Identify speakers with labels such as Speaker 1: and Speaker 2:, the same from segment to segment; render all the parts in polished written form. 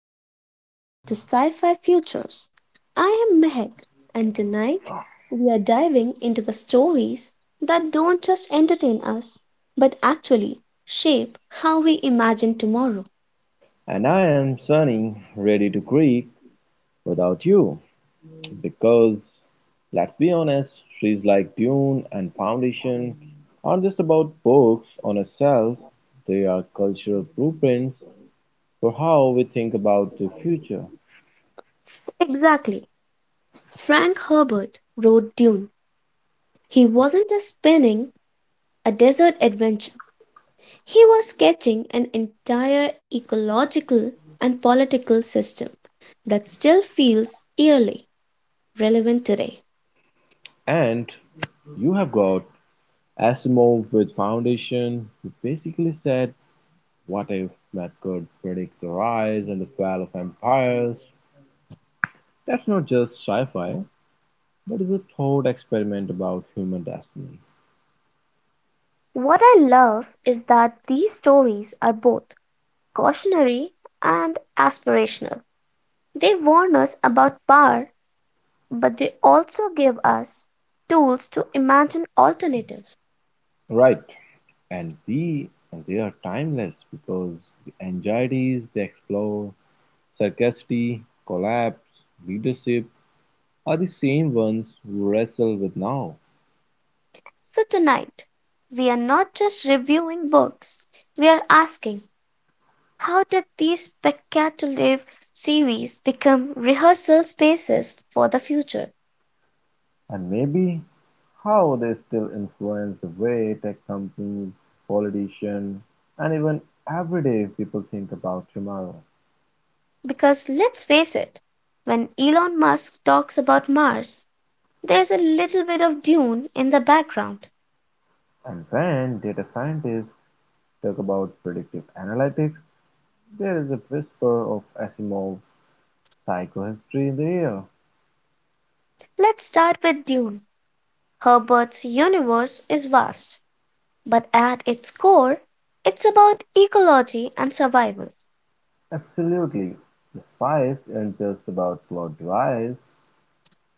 Speaker 1: Welcome back to Sci Fi Futures. I am Mehak, and tonight we are diving into the stories that don't just entertain us but actually shape how we imagine tomorrow.
Speaker 2: And I am sunning ready to creak without you, because let's be honest, trees like Dune and Foundation aren't just about books on a shelf, they are cultural blueprints for how we think about the future.
Speaker 1: Exactly. Frank Herbert wrote Dune. He wasn't just spinning a desert adventure, he was sketching an entire ecological and political system that still feels eerily relevant today.
Speaker 2: And you have got Asimov with Foundation, who basically said, what if that could predict the rise and the fall of empires? That's not just sci fi, there is a thought experiment about human destiny.
Speaker 1: What I love is that these stories are both cautionary and aspirational. They warn us about power, but they also give us tools to imagine alternatives.
Speaker 2: Right. And they are timeless because the anxieties they explore, scarcity, collapse, leadership are the same ones we wrestle with now.
Speaker 1: So tonight, we are not just reviewing books, we are asking, how did these spectacular series become rehearsal spaces for the future?
Speaker 2: And maybe how they still influence the way tech companies, politicians, and even everyday people think about tomorrow.
Speaker 1: Because let's face it, when Elon Musk talks about Mars, there's a little bit of Dune in the background.
Speaker 2: And when data scientists talk about predictive analytics, there is a whisper of Asimov's psychohistory in the air.
Speaker 1: Let's start with Dune. Herbert's universe is vast, but at its core it's about ecology and survival.
Speaker 2: Absolutely. The spice isn't just about cloud dries.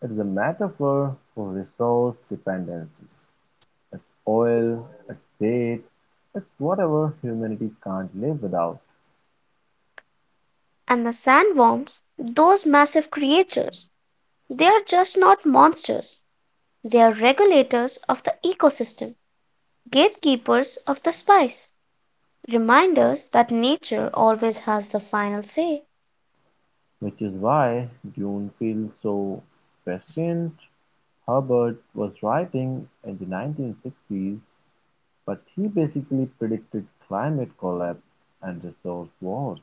Speaker 2: It's a metaphor for resource dependency. It's oil, it's date, it's whatever humanity can't live without,
Speaker 1: And the sandworms, those massive creatures, they are just not monsters. They are regulators of the ecosystem, gatekeepers of the spice, reminders that nature always has the final say.
Speaker 2: which is why Dune feels so prescient. Herbert was writing in the 1960s but he basically predicted climate collapse and resource wars.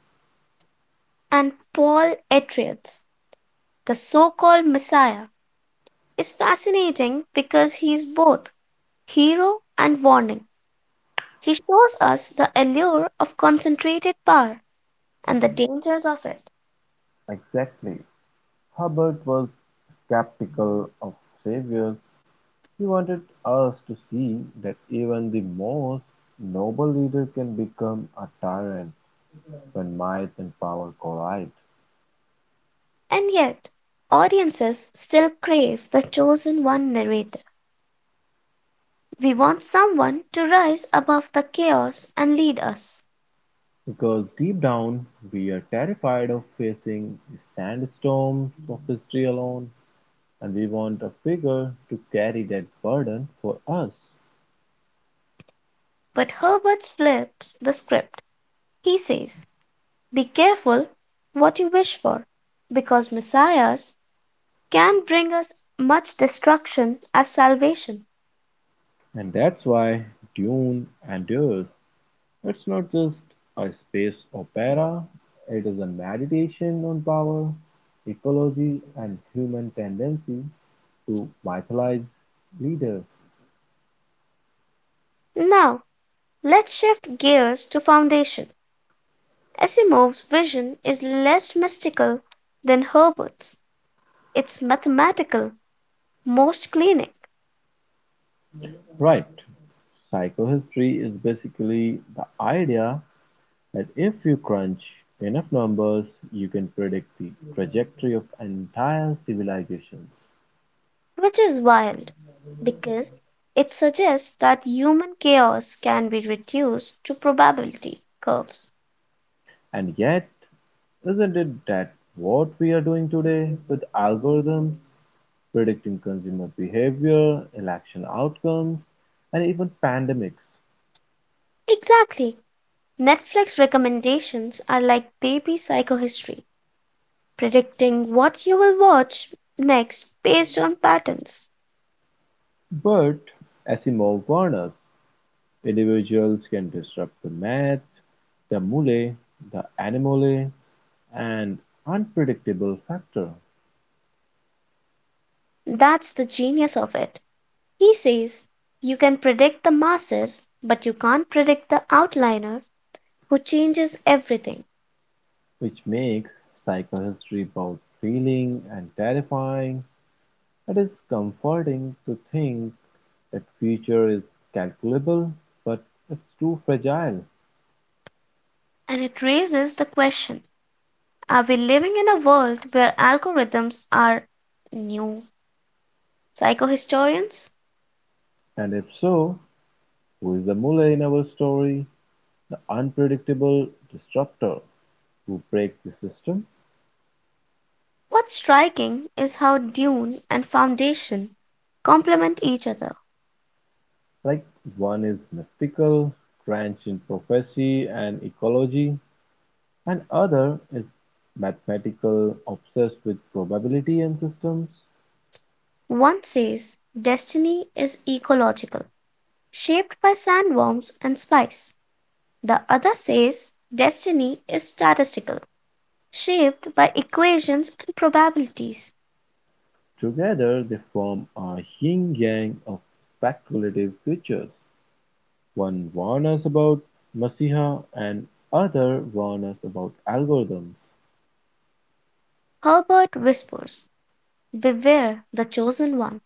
Speaker 1: And Paul Atreides, the so called Messiah, is fascinating because he is both hero and warning. He shows us the allure of concentrated power and the dangers of it.
Speaker 2: Exactly. Hubbard was skeptical of saviors. He wanted us to see that even the most noble leader can become a tyrant when might and power collide.
Speaker 1: And yet, audiences still crave the chosen one narrator. We want someone to rise above the chaos and lead us.
Speaker 2: Because deep down, we are terrified of facing the sandstorms of history alone, and we want a figure to carry that burden for us.
Speaker 1: But Herbert flips the script. He says, be careful what you wish for, because messiahs can bring us much destruction as salvation.
Speaker 2: And that's why Dune endures. It's not just a space opera, it is a meditation on power, ecology, and human tendency to mythologize leaders.
Speaker 1: Now, let's shift gears to foundation. Asimov's vision is less mystical than Herbert's. It's mathematical, most clinic,
Speaker 2: Right. Psychohistory is basically the idea that if you crunch enough numbers, you can predict the trajectory of entire civilizations.
Speaker 1: which is wild because it suggests that human chaos can be reduced to probability curves.
Speaker 2: And yet, isn't it that what we are doing today with algorithms predicting consumer behavior, election outcomes, and even pandemics?
Speaker 1: Exactly. Netflix recommendations are like baby psychohistory, predicting what you will watch next based on patterns.
Speaker 2: But Asimov warned us individuals can disrupt the math, the mule, the animole, and unpredictable factor,
Speaker 1: That's the genius of it. He says you can predict the masses but you can't predict the outliner who changes everything.
Speaker 2: which makes psychohistory both thrilling and terrifying. It is comforting to think that future is calculable, but it's too fragile.
Speaker 1: And it raises the question, are we living in a world where algorithms are new psychohistorians?
Speaker 2: And if so, who is the Mullah in our story? The unpredictable disruptor who breaks the system?
Speaker 1: What's striking is how dune and foundation complement each other.
Speaker 2: Like one is mystical, drenched in prophecy and ecology, and other is mathematical, obsessed with probability and systems.
Speaker 1: One says destiny is ecological, shaped by sandworms and spice. The other says destiny is statistical, shaped by equations and probabilities.
Speaker 2: Together, they form a yin yang of speculative creatures. One warned us about Messiah and other warned us about algorithms,
Speaker 1: Herbert whispers, "Beware the chosen one."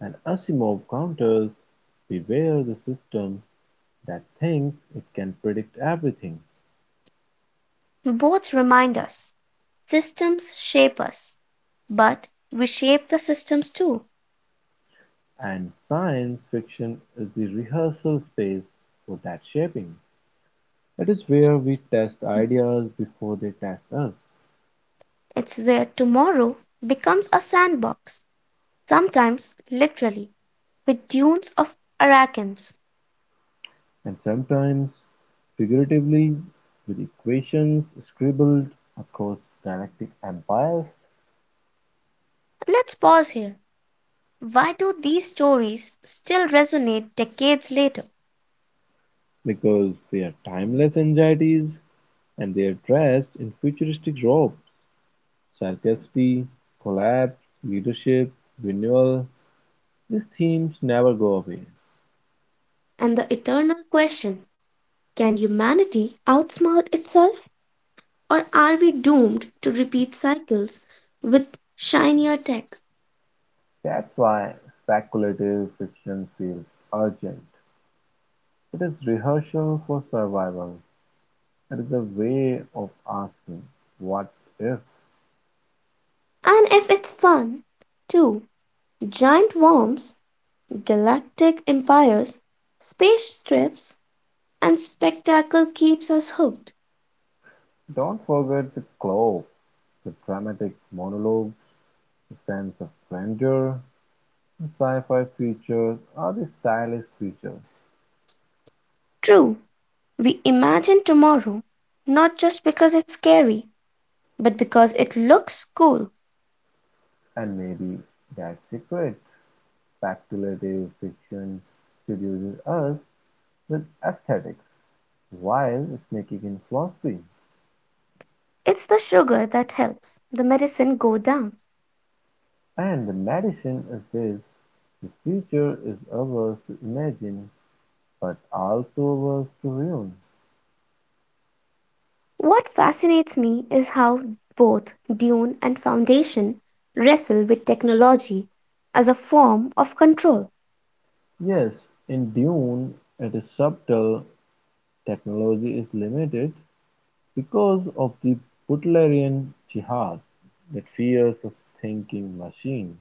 Speaker 2: and Asimov counters, beware the system that thinks it can predict everything,
Speaker 1: Both remind us: systems shape us, but we shape the systems too.
Speaker 2: and science fiction is the rehearsal space for that shaping. It is where we test ideas before they test us,
Speaker 1: It's where tomorrow becomes a sandbox, sometimes literally, with dunes of arachnids.
Speaker 2: and sometimes figuratively with equations scribbled across galactic empires.
Speaker 1: Let's pause here. Why do these stories still resonate decades later?
Speaker 2: Because their timeless anxieties and they are dressed in futuristic robes. Scarcity, collapse, leadership, renewal, these themes never go away.
Speaker 1: And the eternal question, can humanity outsmart itself? Or are we doomed to repeat cycles with shinier tech?
Speaker 2: That's why speculative fiction feels urgent. It is rehearsal for survival. It is a way of asking, what if?
Speaker 1: And if it's fun, too, giant worms, galactic empires, space trips, and spectacle keeps us hooked.
Speaker 2: Don't forget the cloak, the dramatic monologues, the sense of grandeur, sci-fi features are the stylized feature,
Speaker 1: True, we imagine tomorrow not just because it's scary, but because it looks cool.
Speaker 2: and maybe that's the trick speculative fiction seduces us with aesthetics while sneaking in philosophy.
Speaker 1: It's the sugar that helps the medicine go down.
Speaker 2: And the medicine is this: the future is ours to imagine, but also ours to ruin.
Speaker 1: What fascinates me is how both Dune and Foundation wrestle with technology as a form of control,
Speaker 2: Yes, in Dune, it is subtle, technology is limited, because of the Butlerian jihad, that fears a thinking machine.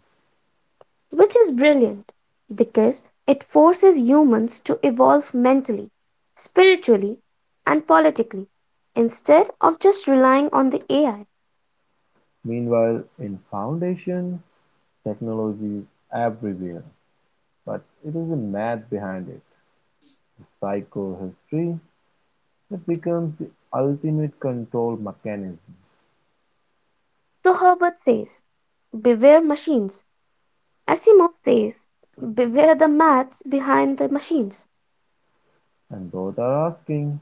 Speaker 1: which is brilliant because it forces humans to evolve mentally, spiritually, and politically instead of just relying on the AI.
Speaker 2: Meanwhile, in Foundation, technology is everywhere, but it is the math behind it, psychohistory, that becomes the ultimate control mechanism.
Speaker 1: So Herbert says, beware machines. Asimov says, beware the maths behind the machines.
Speaker 2: And both are asking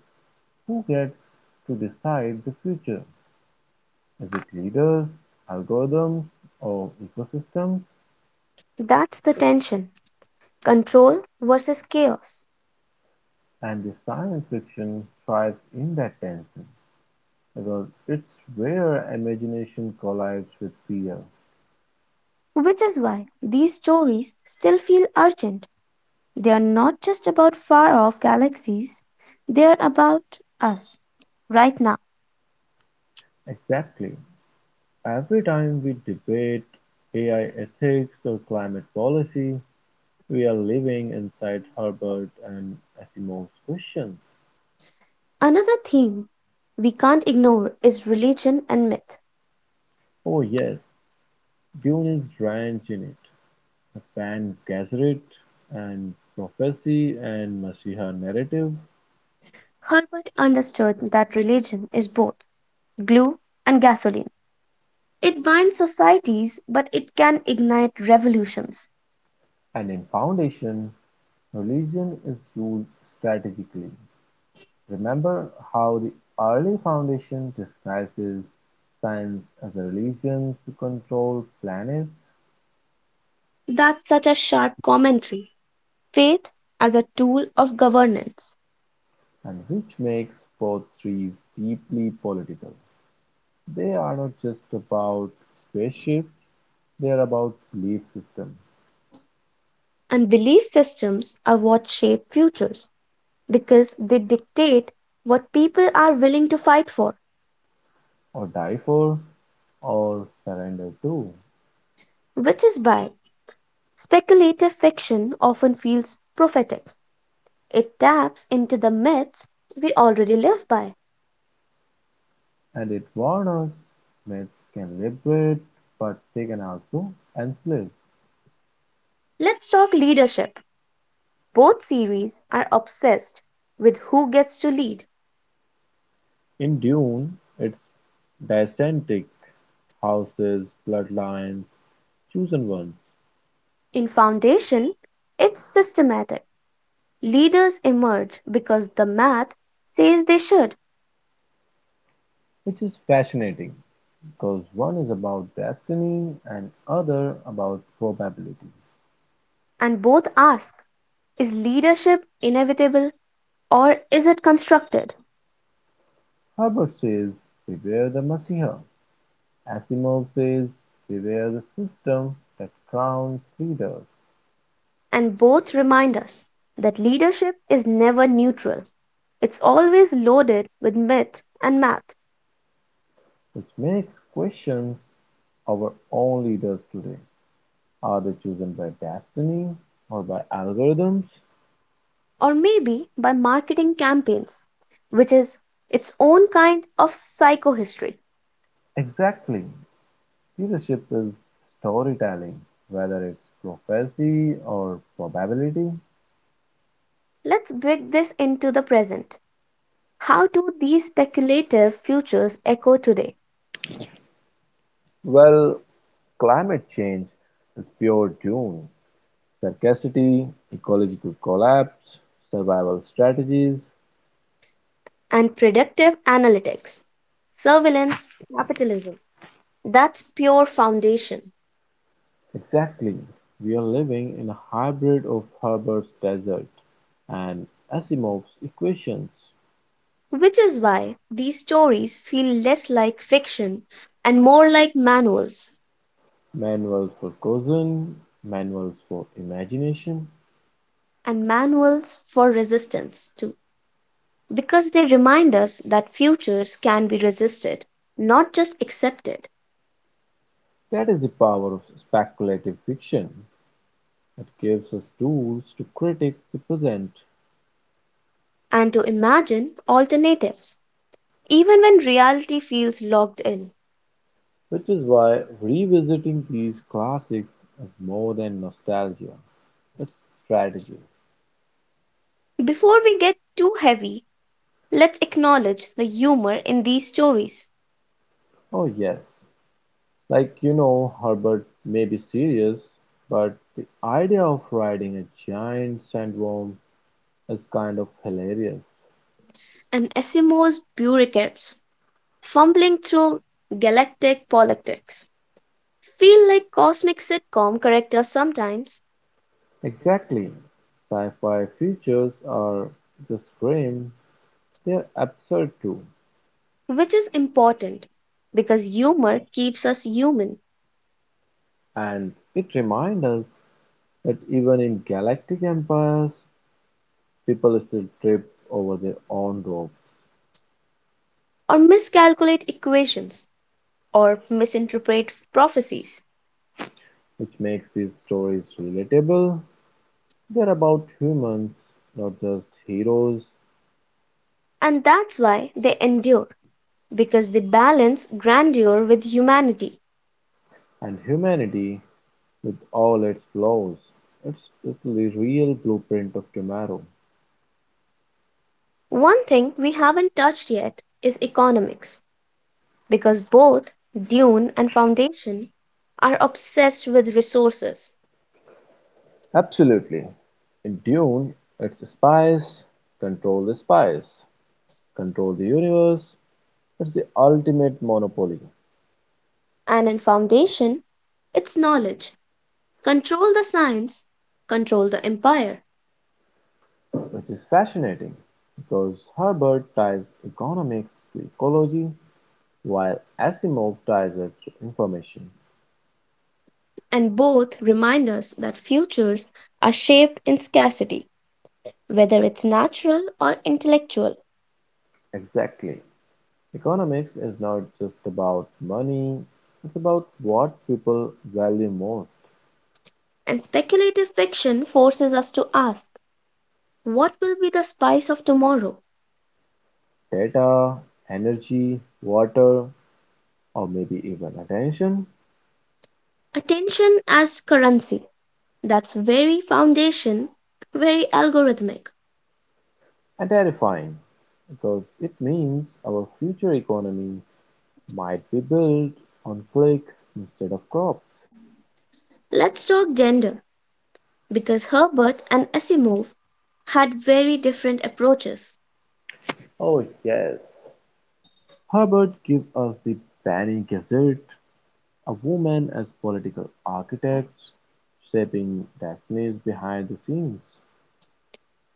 Speaker 2: who gets to decide the future? Is it leaders, algorithms, or ecosystems?
Speaker 1: That's the tension, control versus chaos.
Speaker 2: And the science fiction thrives in that tension, because it's where imagination collides with fear.
Speaker 1: Which is why these stories still feel urgent. They are not just about far off galaxies, they are about us, right now.
Speaker 2: Exactly. Every time we debate AI ethics or climate policy, we are living inside Herbert and Asimov's questions.
Speaker 1: Another theme we can't ignore is religion and myth.
Speaker 2: Oh, yes, Dune is drenched in it. The Pan Gesserit and prophecy and Messiah narrative.
Speaker 1: Herbert understood that religion is both glue and gasoline. It binds societies, but it can ignite revolutions.
Speaker 2: And in Foundation, religion is used strategically. Remember how the early Foundation disguises science as a religion to control planets
Speaker 1: That's such a sharp commentary. Faith as a tool of governance,
Speaker 2: and which makes both trees deeply political. They are not just about spaceships, they are about belief system.
Speaker 1: and belief systems are what shape futures, because they dictate what people are willing to fight for,
Speaker 2: Or die for or surrender to.
Speaker 1: which is why speculative fiction often feels prophetic. It taps into the myths we already live by.
Speaker 2: And it warns us myths can liberate but they can also enslave.
Speaker 1: Let's talk leadership. Both series are obsessed with who gets to lead.
Speaker 2: In Dune, it's Dysentric houses bloodlines, chosen ones,
Speaker 1: In Foundation, it's systematic. Leaders emerge because the math says they should,
Speaker 2: which is fascinating because one is about destiny and other about probability.
Speaker 1: and both ask, is leadership inevitable or is it constructed?
Speaker 2: Herbert says, beware the Messiah. Asimov says, beware the system that crowns leaders,
Speaker 1: And both remind us that leadership is never neutral. It's always loaded with myth and math,
Speaker 2: which makes questions our own leaders today. Are they chosen by destiny or by algorithms?
Speaker 1: or maybe by marketing campaigns, which is its own kind of psychohistory.
Speaker 2: Exactly. Leadership is storytelling, whether it's prophecy or probability.
Speaker 1: Let's bring this into the present. How do these speculative futures echo today?
Speaker 2: Well, climate change is pure doom, sarcasticity, ecological collapse, survival strategies.
Speaker 1: And predictive analytics, surveillance, capitalism. That's pure foundation.
Speaker 2: Exactly, we are living in a hybrid of Herbert's desert and Asimov's equations,
Speaker 1: Which is why these stories feel less like fiction and more like manuals,
Speaker 2: manuals for caution, manuals for imagination.
Speaker 1: and manuals for resistance, too, because they remind us that futures can be resisted, not just accepted,
Speaker 2: That is the power of speculative fiction. It gives us tools to critique the present,
Speaker 1: and to imagine alternatives, even when reality feels locked in.
Speaker 2: which is why revisiting these classics is more than nostalgia, it's strategy.
Speaker 1: Before we get too heavy, let's acknowledge the humor in these stories,
Speaker 2: Oh yes, Herbert may be serious, but the idea of riding a giant sandworm is kind of hilarious.
Speaker 1: and Asimov's bureaucrats fumbling through galactic politics feel like cosmic sitcom characters sometimes,
Speaker 2: Exactly. Sci-fi features are just grim, they're absurd too.
Speaker 1: which is important because humor keeps us human,
Speaker 2: And it reminds us that even in galactic empires, people still trip over their own rope,
Speaker 1: or miscalculate equations or misinterpret prophecies.
Speaker 2: which makes these stories relatable. They're about humans, not just heroes,
Speaker 1: And that's why they endure, because they balance grandeur with humanity.
Speaker 2: and humanity with all its flaws. It's the real blueprint of tomorrow.
Speaker 1: One thing we haven't touched yet is economics, because both Dune and Foundation are obsessed with resources,
Speaker 2: Absolutely. In Dune, it's spies, control the universe. It's the ultimate monopoly,
Speaker 1: and in Foundation, it's knowledge. Control the science, control the empire,
Speaker 2: which is fascinating because Herbert ties economics to ecology while Asimov ties its information
Speaker 1: and both remind us that futures are shaped in scarcity, whether it's natural or intellectual,
Speaker 2: exactly, economics is not just about money, it's about what people value most:
Speaker 1: and speculative fiction forces us to ask, what will be the spice of tomorrow?
Speaker 2: data, energy, water, or maybe even attention.
Speaker 1: Attention as currency, that's very foundation, very algorithmic.
Speaker 2: And terrifying, because it means our future economy might be built on clicks instead of crops.
Speaker 1: Let's talk gender, because Herbert and Asimov had very different approaches,
Speaker 2: Oh, yes. Herbert gives us the penny gazette a woman as political architects, shaping destinies behind the scenes.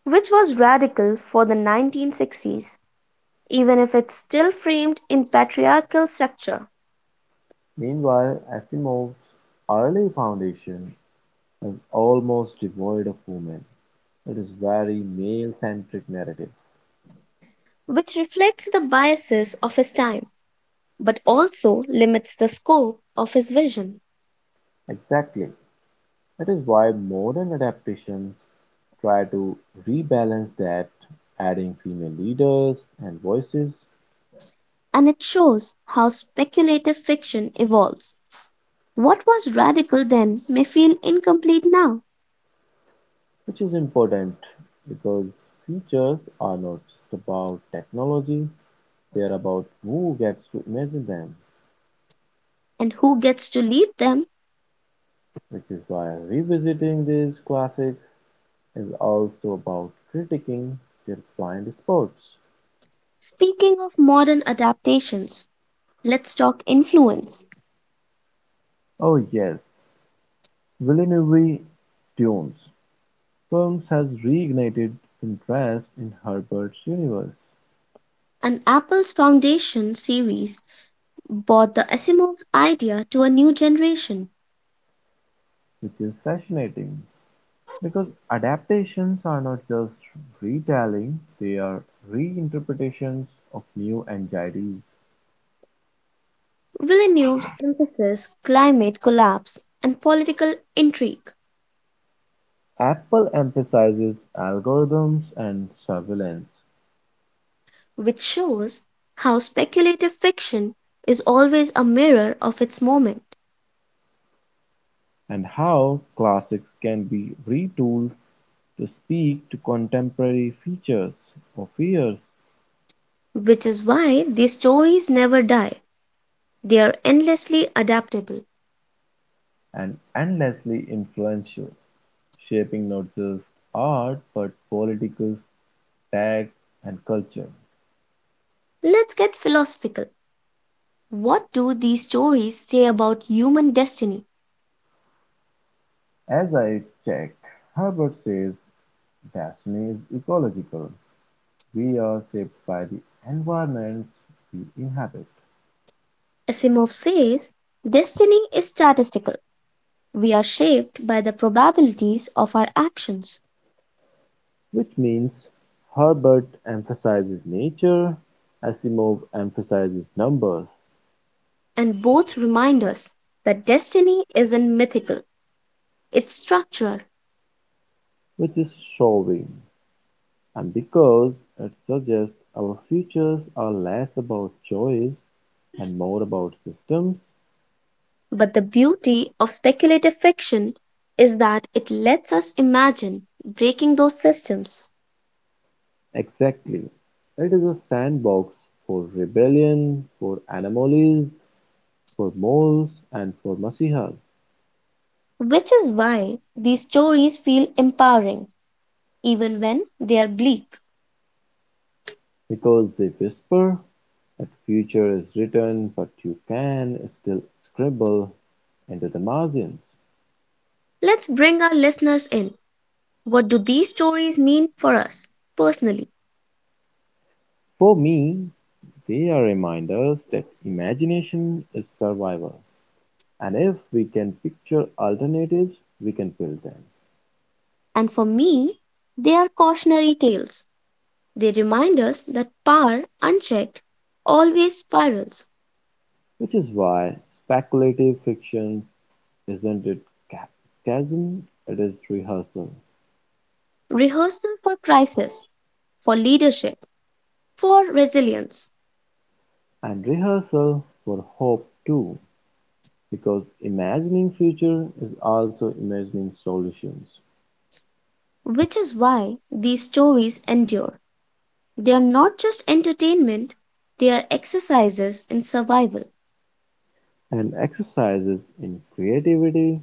Speaker 1: which was radical for the 1960s, even if it's still framed in patriarchal structure,
Speaker 2: Meanwhile, Asimov's early foundation is almost devoid of women. It is very male-centric narrative.
Speaker 1: which reflects the biases of his time, but also limits the scope of his vision.
Speaker 2: Exactly. That is why modern adaptations try to rebalance that, adding female leaders and voices,
Speaker 1: And it shows how speculative fiction evolves. What was radical then may feel incomplete now,
Speaker 2: which is important because features are not just about technology, they're about who gets to imagine them,
Speaker 1: and who gets to lead them?
Speaker 2: which is why revisiting these classics is also about critiquing their blind spots.
Speaker 1: Speaking of modern adaptations, let's talk influence.
Speaker 2: Oh yes, Villeneuve's Dunes films has reignited interest in Herbert's universe,
Speaker 1: And Apple's Foundation series brought the Asimov's idea to a new generation.
Speaker 2: which is fascinating because adaptations are not just retelling, they are reinterpretations of new anxieties.
Speaker 1: Villeneuve's emphasis, climate collapse and political intrigue,
Speaker 2: Apple emphasizes algorithms and surveillance,
Speaker 1: which shows how speculative fiction is always a mirror of its moment.
Speaker 2: and how classics can be retooled to speak to contemporary features or fears,
Speaker 1: Which is why these stories never die, they are endlessly adaptable.
Speaker 2: and endlessly influential, shaping not just art but politics, tech, and culture.
Speaker 1: Let's get philosophical. What do these stories say about human destiny?
Speaker 2: As I check, Herbert says destiny is ecological. We are shaped by the environments we inhabit,
Speaker 1: Asimov says destiny is statistical. We are shaped by the probabilities of our actions.
Speaker 2: which means Herbert emphasizes nature, Asimov emphasizes numbers,
Speaker 1: And both remind us that destiny isn't mythical, it's structural.
Speaker 2: which is showing, and because it suggests our futures are less about choice and more about systems.
Speaker 1: But the beauty of speculative fiction is that it lets us imagine breaking those systems,
Speaker 2: Exactly. It is a sandbox for rebellion, for anomalies, for moles, and for masihas.
Speaker 1: which is why these stories feel empowering even when they are bleak.
Speaker 2: Because they whisper, that future is written, but you can still scribble into the margins.
Speaker 1: Let's bring our listeners in. What do these stories mean for us personally?
Speaker 2: For me, they are reminders that imagination is survival. And if we can picture alternatives, we can build them.
Speaker 1: And for me, they are cautionary tales. They remind us that power, unchecked, always spirals.
Speaker 2: Which is why speculative fiction isn't it ca- chasm, it is rehearsal.
Speaker 1: Rehearsal for crisis, for leadership, for resilience,
Speaker 2: And rehearsal for hope too, because imagining future is also imagining solutions.
Speaker 1: which is why these stories endure. They are not just entertainment, they are exercises in survival,
Speaker 2: And exercises in creativity,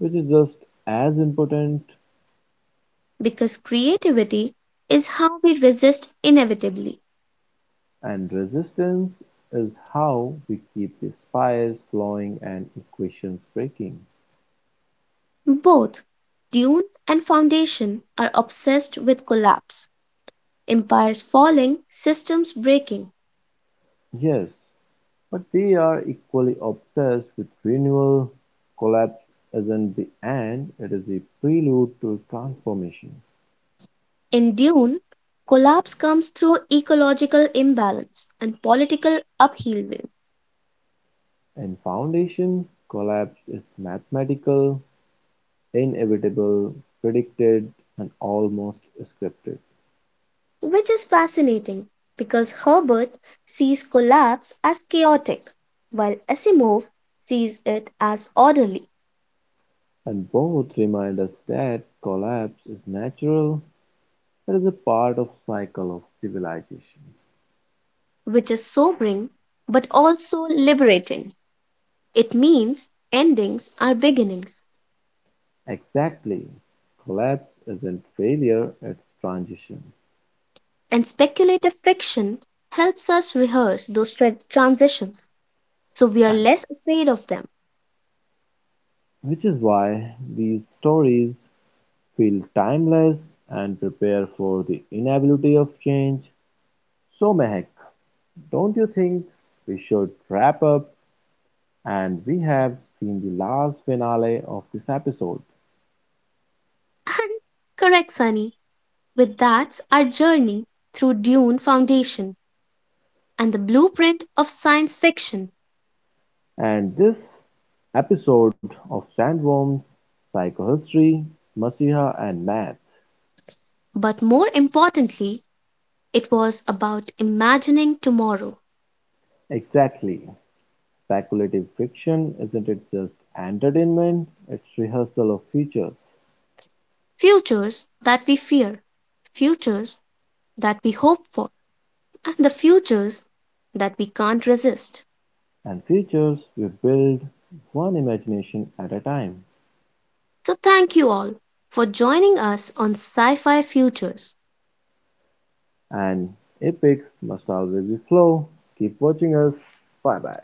Speaker 2: which is just as important,
Speaker 1: because creativity is how we resist inevitably.
Speaker 2: and resistance is how we keep the spires flowing and equations breaking.
Speaker 1: Both Dune and Foundation are obsessed with collapse, empires falling, systems breaking.
Speaker 2: Yes, but they are equally obsessed with renewal; collapse isn't the end, it is a prelude to transformation.
Speaker 1: In Dune, collapse comes through ecological imbalance and political upheaval,
Speaker 2: In Foundation, collapse is mathematical, inevitable, predicted, and almost scripted.
Speaker 1: which is fascinating because Herbert sees collapse as chaotic, while Asimov sees it as orderly,
Speaker 2: And both remind us that collapse is natural, it is a part of the cycle of civilization.
Speaker 1: which is sobering but also liberating. It means endings are beginnings,
Speaker 2: Exactly. Collapse isn't failure, it's transition.
Speaker 1: and speculative fiction helps us rehearse those transitions so we are
Speaker 2: And
Speaker 1: less afraid of them.
Speaker 2: which is why these stories feel timeless and prepare for the inevitability of change. So Mehak, don't you think we should wrap up and we have seen the last finale of this episode.
Speaker 1: And correct, Sunny, with that's our journey through Dune Foundation and the blueprint of science fiction.
Speaker 2: And this episode of Sandworms, Psychohistory, Masiha and Math.
Speaker 1: But more importantly it was about imagining tomorrow,
Speaker 2: Exactly. Speculative fiction isn't it just entertainment, it's rehearsal of features.
Speaker 1: futures that we fear, futures that we hope for, and the futures that we can't resist.
Speaker 2: And features we build one imagination at a time.
Speaker 1: So thank you all for joining us on Sci Fi Futures.
Speaker 2: And epics must always be flow. Keep watching us. Bye bye.